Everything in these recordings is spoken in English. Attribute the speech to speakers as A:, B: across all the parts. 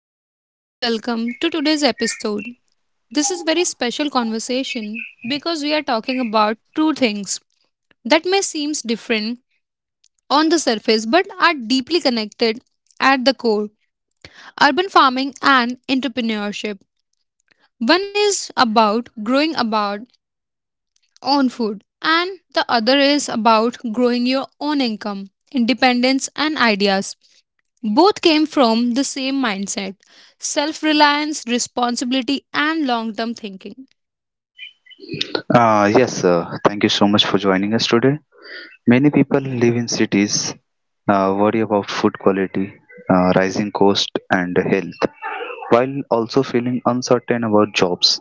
A: Hello, everyone, and welcome to today's episode. This is very special conversation because we are talking about two things that may seem different on the surface but are deeply connected at the core urban farming and entrepreneurship. One is about growing about own food, and the other is about growing your own income, independence, and ideas. Both came from the same mindset self reliance, responsibility, and long term thinking.
B: Yes, sir. Thank you so much for joining us today. Many people live in cities, worry about food quality, rising cost, and health, while also feeling uncertain about jobs,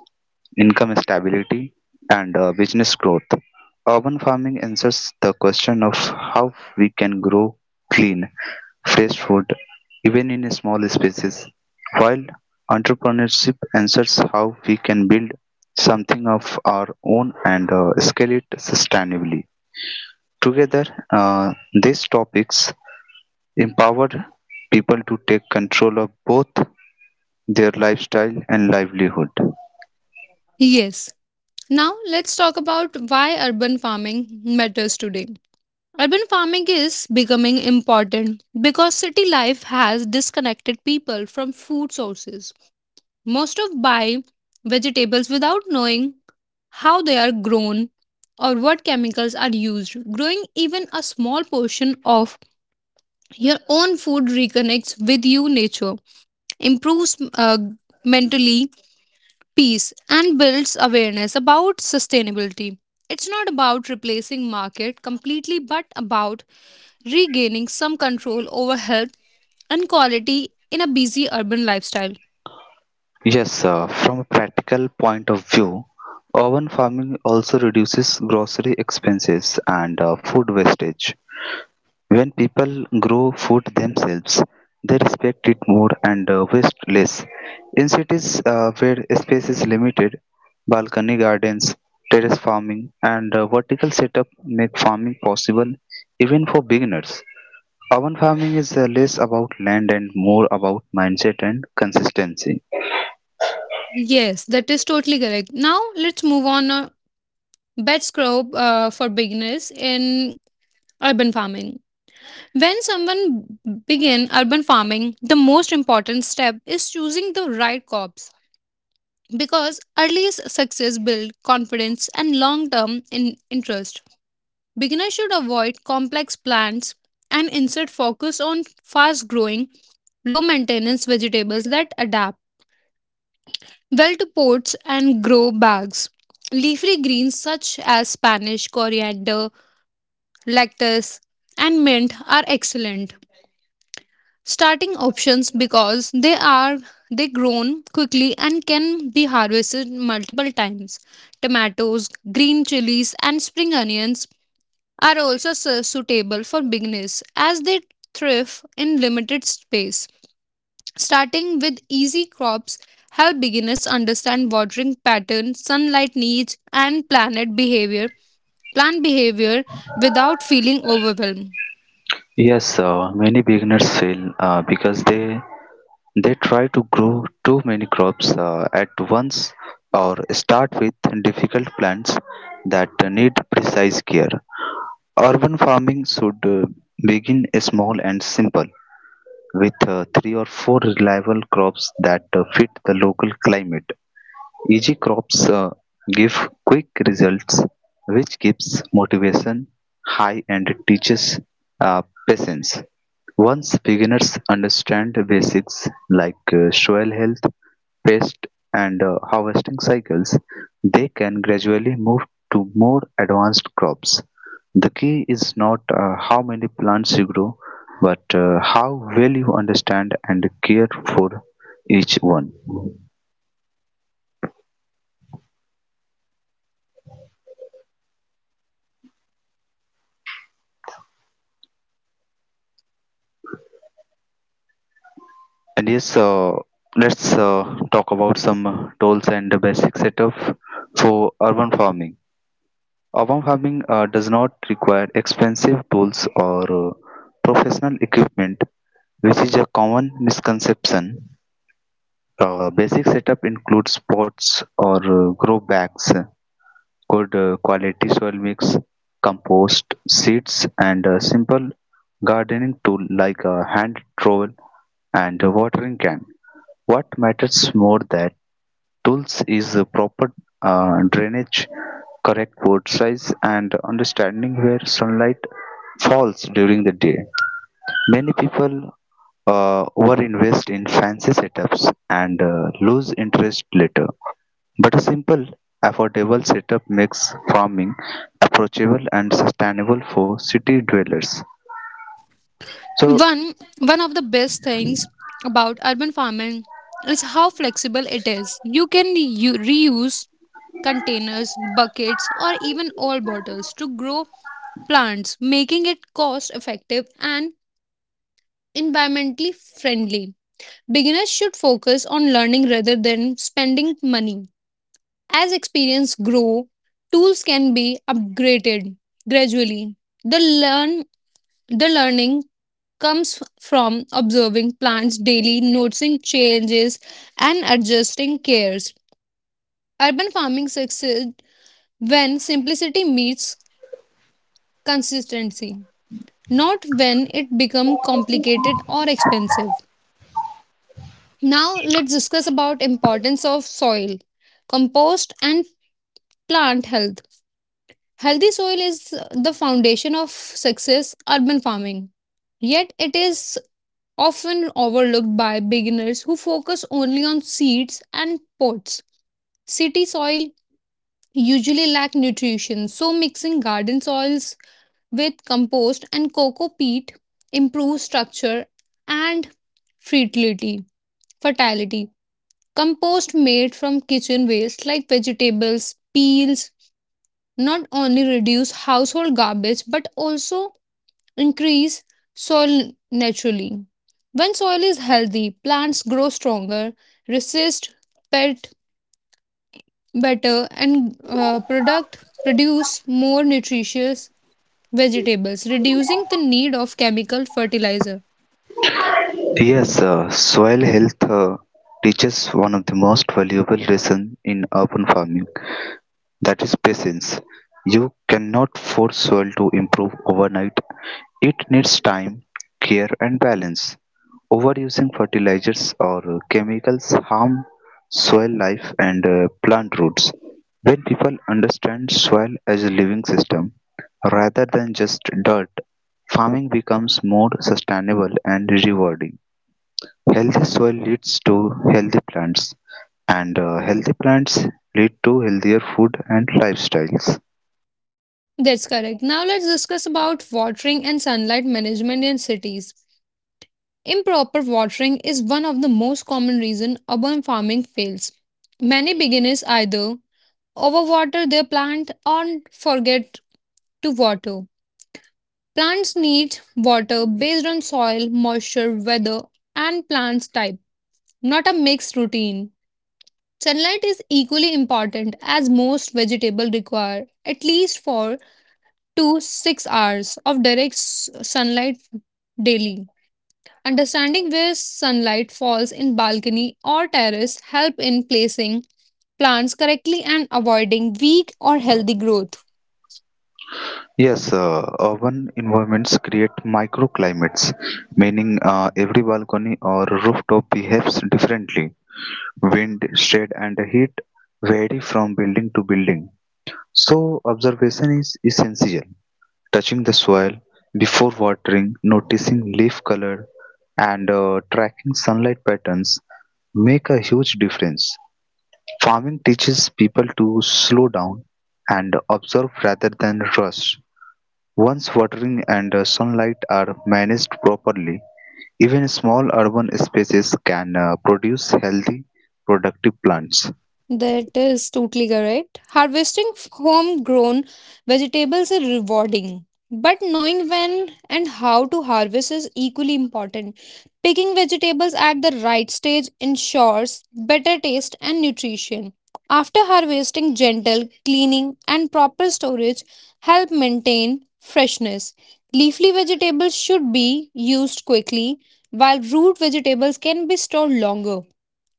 B: income stability, and business growth. Urban farming answers the question of how we can grow clean, fresh food even in small spaces, while entrepreneurship answers how we can build something of our own and scale it sustainably. Together, uh, these topics empower people to take control of both their lifestyle and livelihood.
A: Yes, now let's talk about why urban farming matters today. Urban farming is becoming important because city life has disconnected people from food sources. Most of buy vegetables without knowing how they are grown or what chemicals are used. Growing even a small portion of your own food reconnects with you, nature, improves mentally peace, and builds awareness about sustainability. It's not about replacing market completely, but about regaining some control over health and quality in a busy urban lifestyle.
B: Yes, from a practical point of view, urban farming also reduces grocery expenses and food wastage. When people grow food themselves, they respect it more and waste less. In cities where space is limited, balcony gardens, terrace farming, and vertical setup make farming possible even for beginners. Urban farming is less about land and more about mindset and consistency.
A: Yes, that is totally correct. Now let's move on, best crop for beginners in urban farming. When someone begin urban farming, the most important step is choosing the right crops because early success build confidence and long-term interest. Beginners should avoid complex plants and instead focus on fast-growing, low-maintenance vegetables that adapt well to pots and grow bags. Leafy greens such as Spanish coriander, lettuce, and mint are excellent starting options because they grown quickly and can be harvested multiple times. Tomatoes, green chilies, and spring onions are also suitable for beginners as they thrive in limited space. Starting with easy crops help beginners understand watering patterns, sunlight needs, and planet behavior plant behavior without feeling overwhelmed.
B: Yes, many beginners fail because they try to grow too many crops at once or start with difficult plants that need precise care. Urban farming should begin small and simple with three or four reliable crops that fit the local climate. Easy crops give quick results, which keeps motivation high and teaches uh, patience. Once beginners understand the basics like soil health, pest and harvesting cycles, they can gradually move to more advanced crops. The key is not how many plants you grow, but how well you understand and care for each one. And yes, let's talk about some tools and the basic setup for urban farming. Urban farming does not require expensive tools or professional equipment, which is a common misconception. Basic setup includes pots or grow bags, good quality soil mix, compost, seeds, and a simple gardening tool like a hand trowel and a watering can. What matters more that tools is a proper drainage, correct pot size, and understanding where sunlight falls during the day. Many people overinvest in fancy setups and lose interest later. But a simple, affordable setup makes farming approachable and sustainable for city dwellers. So,
A: One one of the best things about urban farming is how flexible it is. You can reuse containers, buckets, or even old bottles to grow plants, making it cost effective and environmentally friendly. Beginners should focus on learning rather than spending money. As experience grow, tools can be upgraded gradually. The learn the learning comes from observing plants daily, noticing changes, and adjusting cares. Urban farming succeeds when simplicity meets consistency, not when it becomes complicated or expensive. Now let's discuss about importance of soil, compost, and plant health. Healthy soil is the foundation of success urban farming. Yet it is often overlooked by beginners who focus only on seeds and pots. City soil usually lack nutrition, so mixing garden soils with compost and coco peat improves structure and fertility. Fertility. Compost made from kitchen waste like vegetables, peels, not only reduce household garbage but also increase soil naturally. When soil is healthy, plants grow stronger, resist pest better, and product produce more nutritious vegetables, reducing the need of chemical fertilizer.
B: yes, soil health teaches one of the most valuable lessons in urban farming. That is patience. You cannot force soil to improve overnight. It needs time, care and balance. Overusing fertilizers or chemicals harm soil life and plant roots. When people understand soil as a living system rather than just dirt, farming becomes more sustainable and rewarding. Healthy soil leads to healthy plants, and healthy plants lead to healthier food and lifestyles.
A: That's correct. Now let's discuss about watering and sunlight management in cities. Improper watering is one of the most common reason urban farming fails. Many beginners either overwater their plant or forget to water. Plants need water based on soil, moisture, weather, and plants type, not a mixed routine. Sunlight is equally important as most vegetables require at least 4 to 6 hours of direct sunlight daily. Understanding where sunlight falls in balcony or terrace help in placing plants correctly and avoiding weak or healthy growth.
B: Yes, urban environments create microclimates, meaning every balcony or rooftop behaves differently. Wind, shade, and heat vary from building to building, so observation is essential. Touching the soil before watering, noticing leaf color, and tracking sunlight patterns make a huge difference. Farming teaches people to slow down and observe rather than rush. Once watering and sunlight are managed properly, even small urban spaces can produce healthy, productive plants.
A: That is totally correct. Harvesting homegrown vegetables is rewarding, but knowing when and how to harvest is equally important. Picking vegetables at the right stage ensures better taste and nutrition. After harvesting, gentle cleaning and proper storage help maintain freshness. Leafy vegetables should be used quickly, while root vegetables can be stored longer.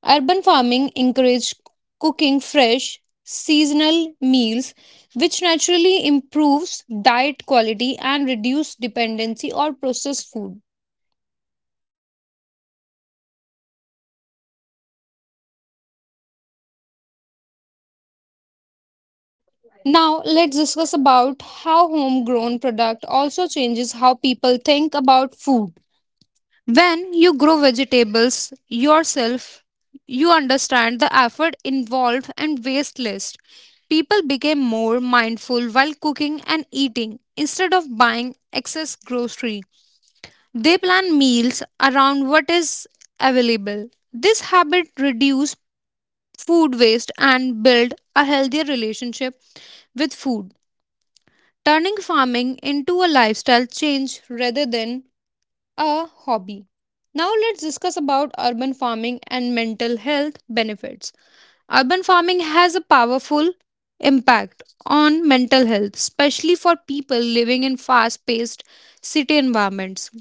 A: Urban farming encouraged cooking fresh, seasonal meals, which naturally improves diet quality and reduce dependency on processed food. Now, let's discuss about how homegrown product also changes how people think about food. When you grow vegetables yourself, you understand the effort involved and waste list. People became more mindful while cooking and eating instead of buying excess grocery. They plan meals around what is available. This habit reduces food waste and build a healthier relationship with food, turning farming into a lifestyle change rather than a hobby. Now let's discuss about urban farming and mental health benefits. Urban farming has a powerful impact on mental health, especially for people living in fast paced city environments.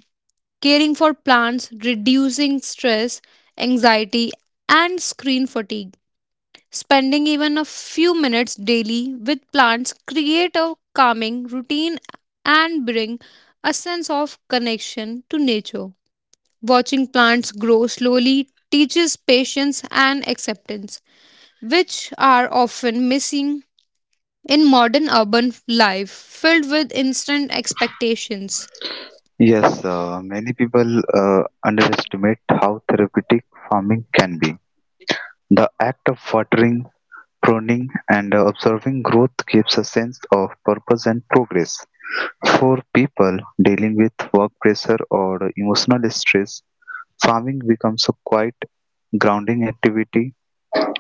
A: Caring for plants, reducing stress, anxiety, and screen fatigue. Spending even a few minutes daily with plants create a calming routine and bring a sense of connection to nature. Watching plants grow slowly teaches patience and acceptance, which are often missing in modern urban life filled with instant expectations.
B: Yes, many people underestimate how therapeutic farming can be. The act of watering, pruning and observing growth gives a sense of purpose and progress. For people dealing with work pressure or emotional stress, farming becomes a quiet, grounding activity.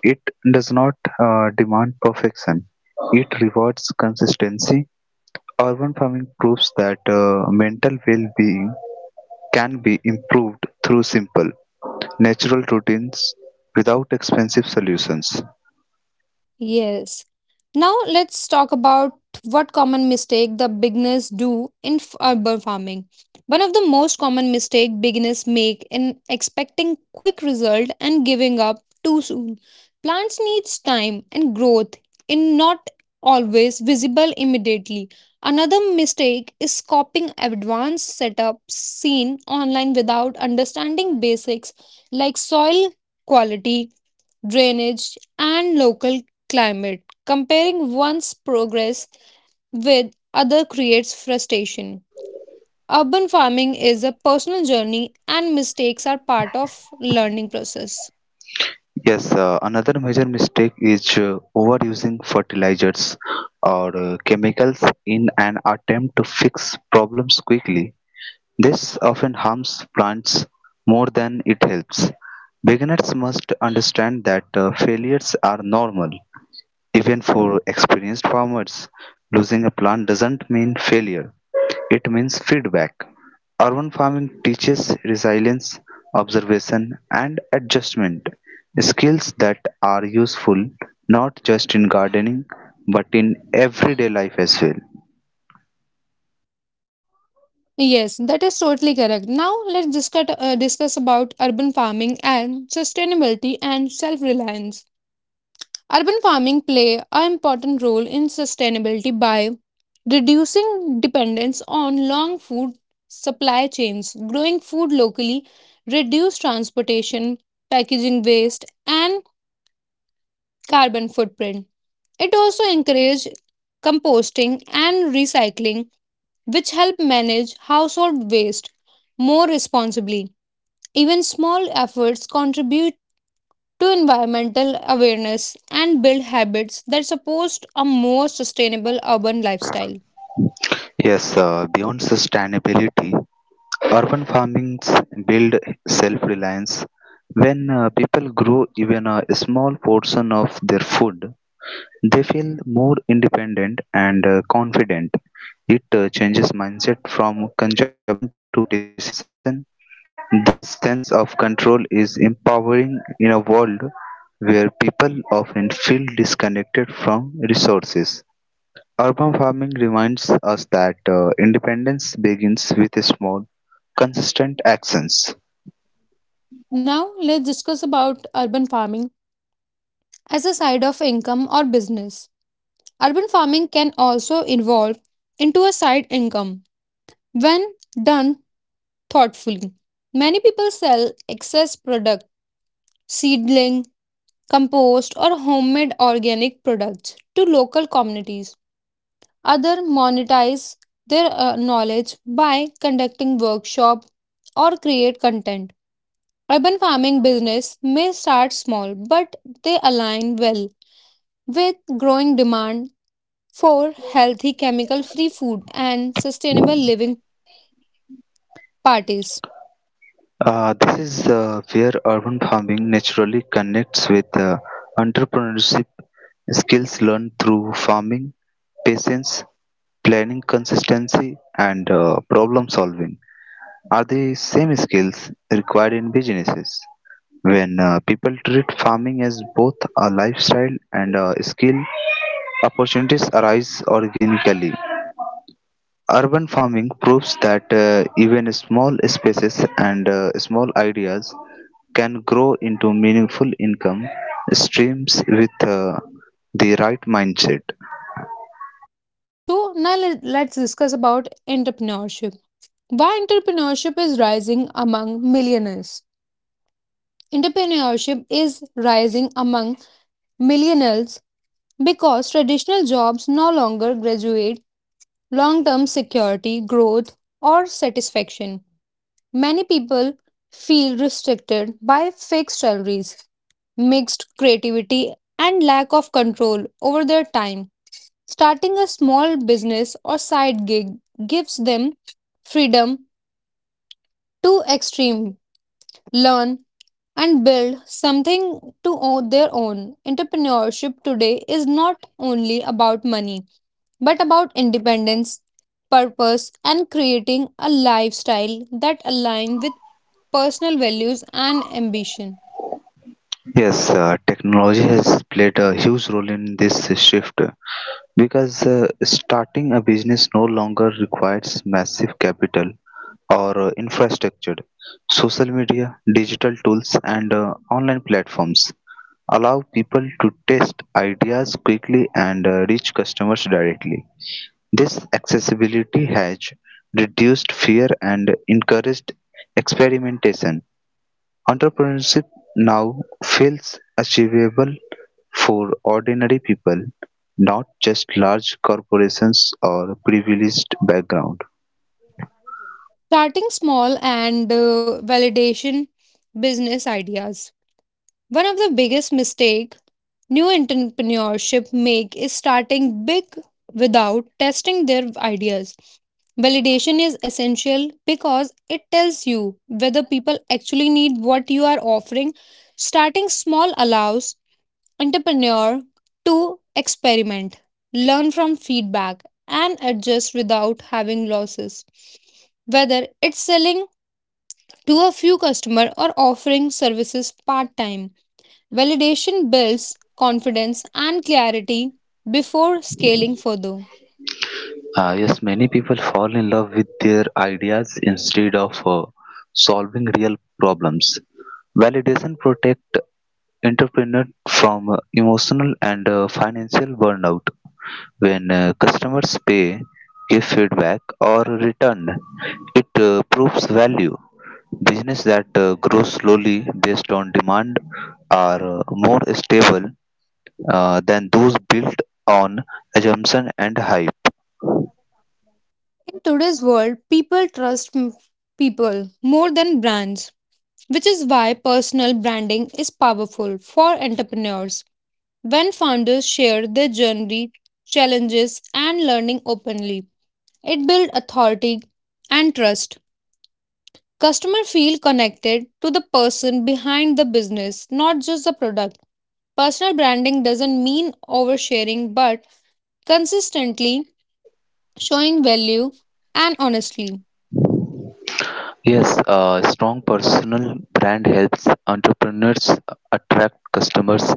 B: It does not demand perfection, it rewards consistency. Urban farming proves that mental well being can be improved through simple, natural routines without expensive solutions.
A: Yes. Now let's talk about what common mistake the beginners do in urban farming. One of the most common mistake beginners make in expecting quick result and giving up too soon. Plants needs time and growth in not always visible immediately. Another mistake is copying advanced setups seen online without understanding basics like soil quality, drainage, and local climate. Comparing one's progress with other creates frustration. Urban farming is a personal journey and mistakes are part of learning process.
B: Yes, another major mistake is overusing fertilizers or chemicals in an attempt to fix problems quickly. This often harms plants more than it helps. Beginners must understand that failures are normal even for experienced farmers, losing a plant doesn't mean failure, it means feedback. Urban farming teaches resilience, observation, and adjustment, skills that are useful not just in gardening but in everyday life as well.
A: Yes, that is totally correct. Now let's discuss about urban farming and sustainability and self-reliance. Urban farming play an important role in sustainability by reducing dependence on long food supply chains, growing food locally, reduce transportation, packaging waste, and carbon footprint. It also encourages composting and recycling, which help manage household waste more responsibly. Even small efforts contribute to environmental awareness and build habits that support a more sustainable urban lifestyle.
B: Yes, beyond sustainability, urban farmings build self reliance. When people grow even a small portion of their food, they feel more independent and confident; it changes mindset from consumption to participation. This sense of control is empowering in a world where people often feel disconnected from resources. Urban farming reminds us that independence begins with small, consistent actions.
A: Now, let's discuss about urban farming as a side of income or business. Urban farming can also evolve into a side income when done thoughtfully. Many people sell excess product, seedling, compost, or homemade organic products to local communities. Other monetize their knowledge by conducting workshop or create content. Urban farming business may start small, but they align well with growing demand for healthy chemical free food and sustainable living parties.
B: This is where urban farming naturally connects with entrepreneurship, skills learned through farming, patience, planning consistency, and problem solving are the same skills required in businesses. When people treat farming as both a lifestyle and a skill, opportunities arise organically. Urban farming proves that even small spaces and small ideas can grow into meaningful income streams with the right mindset.
A: Yes, so now let's discuss about entrepreneurship. Why entrepreneurship is rising among millionaires? Entrepreneurship is rising among millionaires because traditional jobs no longer graduate long term security, growth, or satisfaction. Many people feel restricted by fixed salaries, mixed creativity, and lack of control over their time. Starting a small business or side gig gives them freedom to extreme, learn, and build something to own their own. Entrepreneurship today is not only about money but about independence, purpose, and creating a lifestyle that aligns with personal values and ambition.
B: Yes, technology has played a huge role in this shift because starting a business no longer requires massive capital or infrastructure. Social media, digital tools, and online platforms allow people to test ideas quickly and reach customers directly. This accessibility has reduced fear and encouraged experimentation. Entrepreneurship now feels achievable for ordinary people, not just large corporations or privileged background.
A: Starting small and validation business ideas. One of the biggest mistake new entrepreneurship make is starting big without testing their ideas. Validation is essential because it tells you whether people actually need what you are offering. Starting small allows entrepreneur to experiment, learn from feedback, and adjust without having losses. Whether it's selling to a few customers or offering services part time, validation builds confidence and clarity before scaling further.
B: Yes, many people fall in love with their ideas instead of solving real problems. Validation protects entrepreneurs from emotional and financial burnout. When customers pay, give feedback, or return, it proves value. Business that grow slowly based on demand are more stable than those built on assumption and hype.
A: In today's world, people trust people more than brands, which is why personal branding is powerful for entrepreneurs. When founders share their journey, challenges, and learning openly, it builds authority and trust. Customers feel connected to the person behind the business, not just the product. Personal branding doesn't mean oversharing, but consistently showing value and honestly.
B: Yes, a strong personal brand helps entrepreneurs attract customers,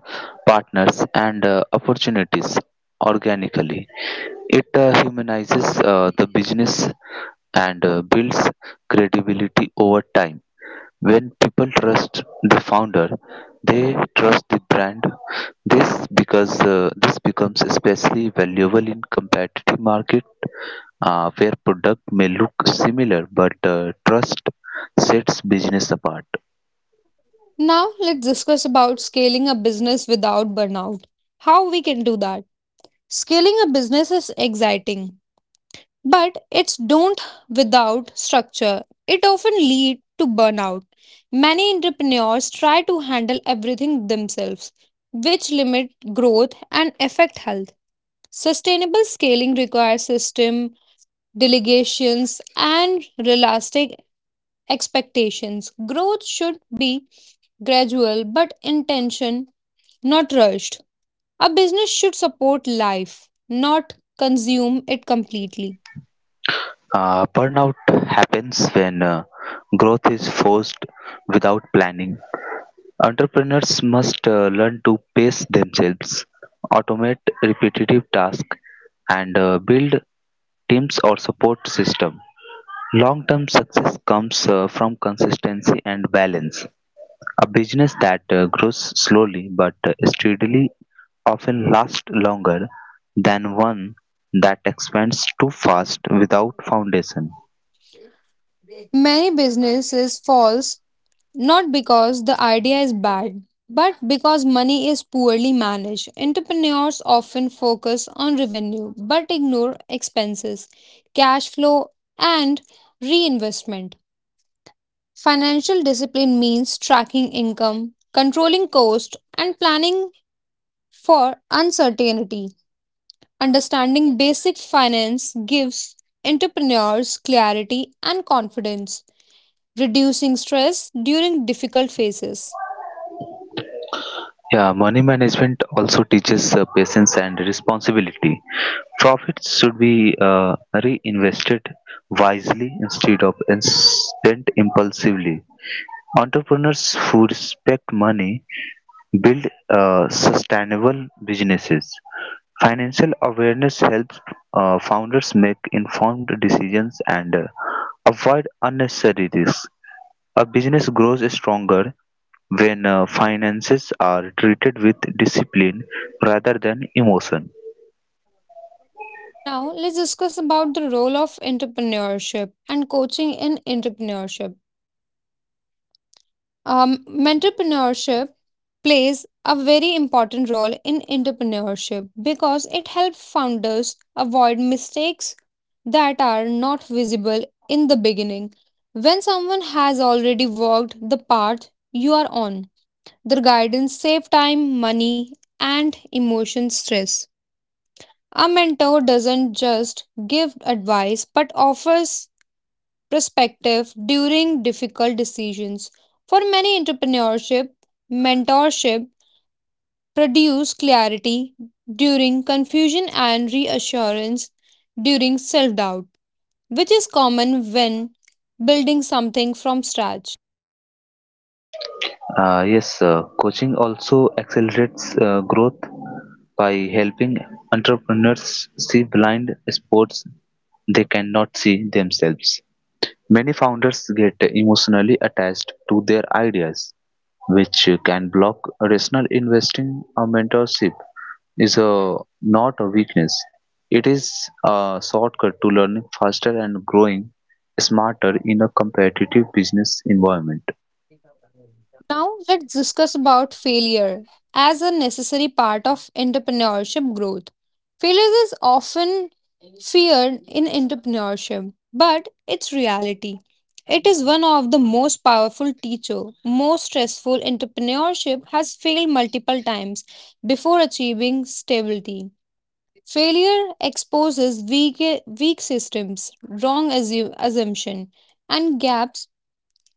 B: partners, and opportunities organically. It humanizes the business and builds credibility over time. When people trust the founder, they trust the brand. This because this becomes especially valuable in competitive market where product may look similar but trust sets business apart.
A: Now, let's discuss about scaling a business without burnout. How we can do that? Scaling a business is exciting but it's don't, without structure it often lead to burnout. Many entrepreneurs try to handle everything themselves, which limit growth and affect health. Sustainable scaling requires system, delegations, and realistic expectations. Growth should be gradual but intention, not rushed. A business should support life, not consume it completely.
B: Burnout happens when growth is forced without planning. Entrepreneurs must learn to pace themselves, automate repetitive tasks, and build teams or support system. Long-term success comes from consistency and balance. A business that grows slowly but steadily often lasts longer than one that expands too fast without foundation.
A: Many businesses falls not because the idea is bad, but because money is poorly managed. Entrepreneurs often focus on revenue but ignore expenses, cash flow, and reinvestment. Financial discipline means tracking income, controlling cost, and planning for uncertainty. Understanding basic finance gives entrepreneurs clarity and confidence, reducing stress during difficult phases.
B: Yeah, money management also teaches patience and responsibility. Profits should be reinvested wisely instead of spent impulsively. Entrepreneurs who respect money build sustainable businesses. Financial awareness helps founders make informed decisions and avoid unnecessary risks. A business grows stronger when finances are treated with discipline rather than emotion.
A: Now, let's discuss about the role of entrepreneurship and coaching in entrepreneurship. Um, Entrepreneurship plays a very important role in entrepreneurship because it helps founders avoid mistakes that are not visible in the beginning. When someone has already walked the path you are on, their guidance saves time, money, and emotion stress. A mentor doesn't just give advice but offers perspective during difficult decisions. For many, entrepreneurship, mentorship produce clarity during confusion and reassurance during self doubt, which is common when building something from scratch.
B: Yes, coaching also accelerates growth by helping entrepreneurs see blind spots they cannot see themselves. Many founders get emotionally attached to their ideas, which can block rational investing. A mentorship is a, not a weakness, it is a shortcut to learning faster and growing smarter in a competitive business environment.
A: Now let's discuss about failure as a necessary part of entrepreneurship growth. Failure is often feared in entrepreneurship, but it's reality. It is one of the most powerful teacher. Most stressful entrepreneurship has failed multiple times before achieving stability. Failure exposes weak systems, wrong assumption, and gaps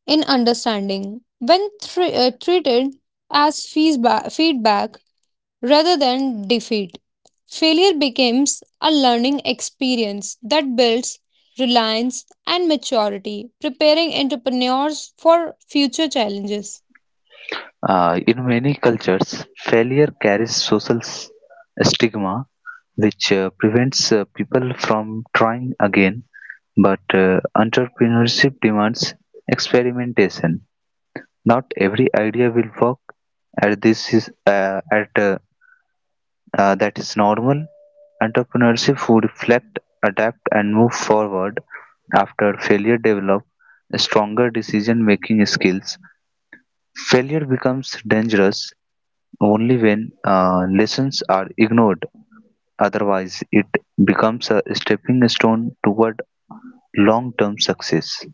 A: in understanding. When treated as feedback rather than defeat, failure becomes a learning experience that builds reliance and maturity, preparing entrepreneurs for future challenges.
B: In many cultures, failure carries social stigma, which prevents people from trying again. But entrepreneurship demands experimentation. Not every idea will work, and this is at that is normal. Entrepreneurship would reflect, adapt, and move forward. After failure, develop stronger decision-making skills. Failure becomes dangerous only when lessons are ignored, otherwise, it becomes a stepping stone toward long term success.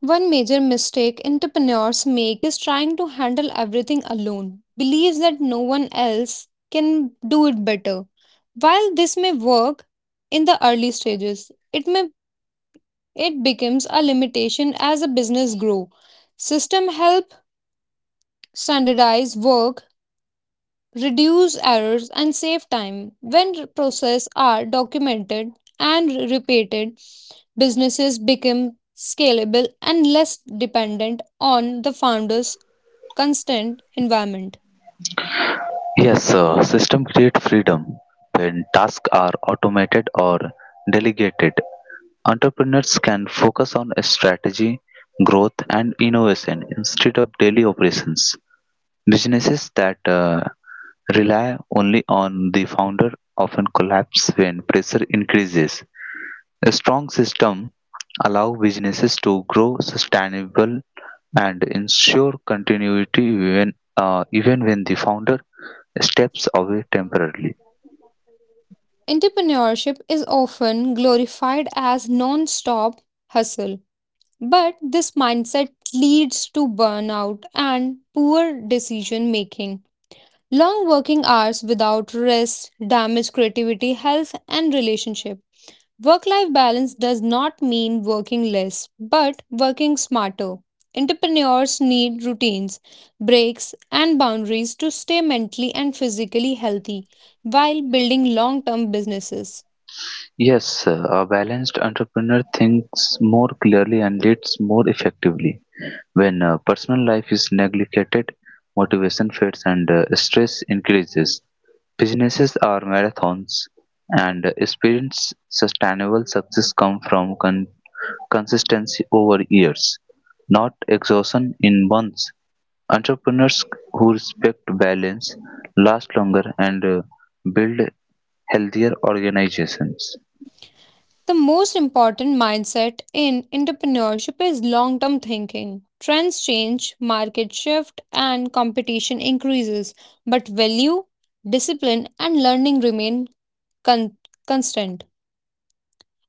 A: One major mistake entrepreneurs make is trying to handle everything alone, believes that no one else can do it better. While this may work in the early stages, it becomes a limitation as a business grow. System help standardize work, reduce errors, and save time. When processes are documented and repeated, businesses become scalable and less dependent on the founder's constant environment.
B: Yes, sir. System create freedom when tasks are automated or delegated. Entrepreneurs can focus on strategy, growth, and innovation instead of daily operations. Businesses that rely only on the founder often collapse when pressure increases. A strong system allow businesses to grow sustainable and ensure continuity even when the founder steps away temporarily.
A: Entrepreneurship is often glorified as non-stop hustle, but this mindset leads to burnout and poor decision making. Long working hours without rest damage creativity, health, and relationship. Work life balance does not mean working less, but working smarter. Entrepreneurs need routines, breaks, and boundaries to stay mentally and physically healthy while building long term businesses.
B: Yes, a balanced entrepreneur thinks more clearly and leads more effectively. When personal life is neglected, motivation fades and stress increases. Businesses are marathons, and experience sustainable success come from consistency over years, not exhaustion in months. Entrepreneurs who respect balance last longer and build healthier organizations.
A: The most important mindset in entrepreneurship is long term thinking. Trends change, market shift, and competition increases, but value, discipline, and learning remain con- constant.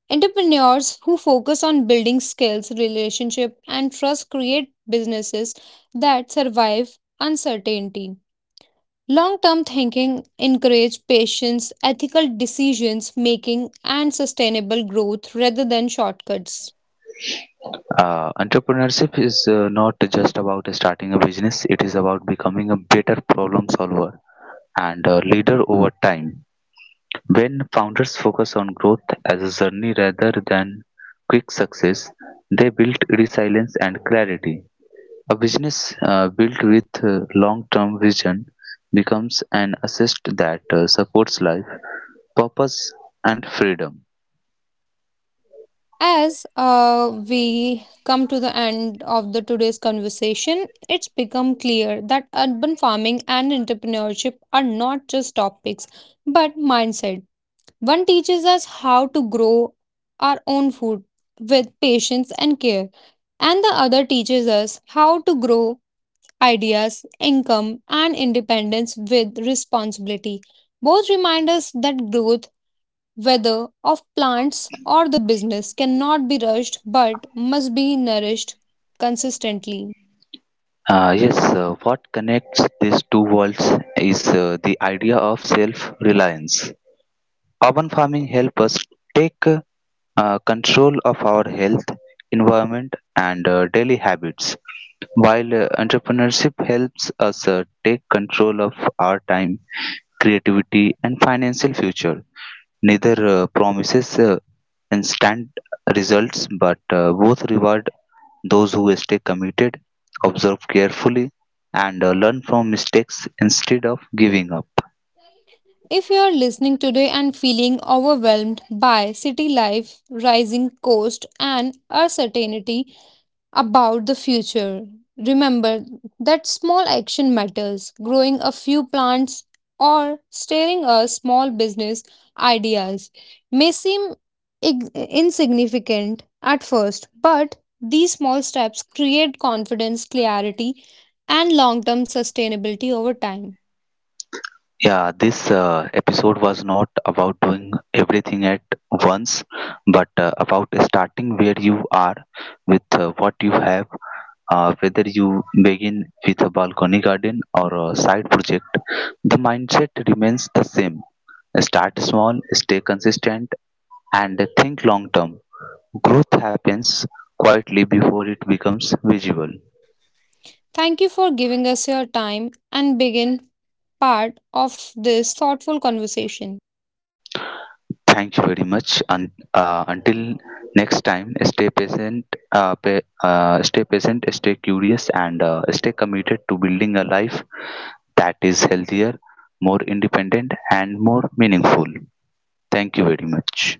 A: Entrepreneurs who focus on building skills, relationship, and trust create businesses that survive uncertainty. Long term thinking encourages patience, ethical decisions making, and sustainable growth rather than shortcuts.
B: Entrepreneurship is not just about starting a business, it is about becoming a better problem solver and a leader over time. When founders focus on growth as a journey rather than quick success, they build resilience and clarity. A business built with long term vision becomes an assist that supports life, purpose, and freedom.
A: As we come to the end of the today's conversation, it's become clear that urban farming and entrepreneurship are not just topics but mindset. One teaches us how to grow our own food with patience and care, and the other teaches us how to grow ideas, income, and independence with responsibility. Both remind us that growth, whether of plants or the business, cannot be rushed but must be nourished consistently.
B: Yes, what connects these two worlds is the idea of self reliance. Urban farming helps us take control of our health, environment, and daily habits, while entrepreneurship helps us take control of our time, creativity, and financial future. Neither promises instant results, but both reward those who stay committed observe carefully and learn from mistakes instead of giving up.
A: If you are listening today and feeling overwhelmed by city life, rising cost, and uncertainty about the future. Remember that small action matters. Growing a few plants or starting a small business ideas may seem insignificant at first, but these small steps create confidence, clarity, and long term sustainability over time.
B: Yeah, this episode was not about doing everything at once, but about starting where you are with what you have. Whether you begin with a balcony garden or a side project, the mindset remains the same. Start small, stay consistent, and think long term. Growth happens quietly before it becomes visible.
A: Thank you for giving us your time and begin part of this thoughtful conversation.
B: Thank you very much. And until next time, stay patient, stay patient, stay curious, and stay committed to building a life that is healthier, more independent, and more meaningful. Thank you very much.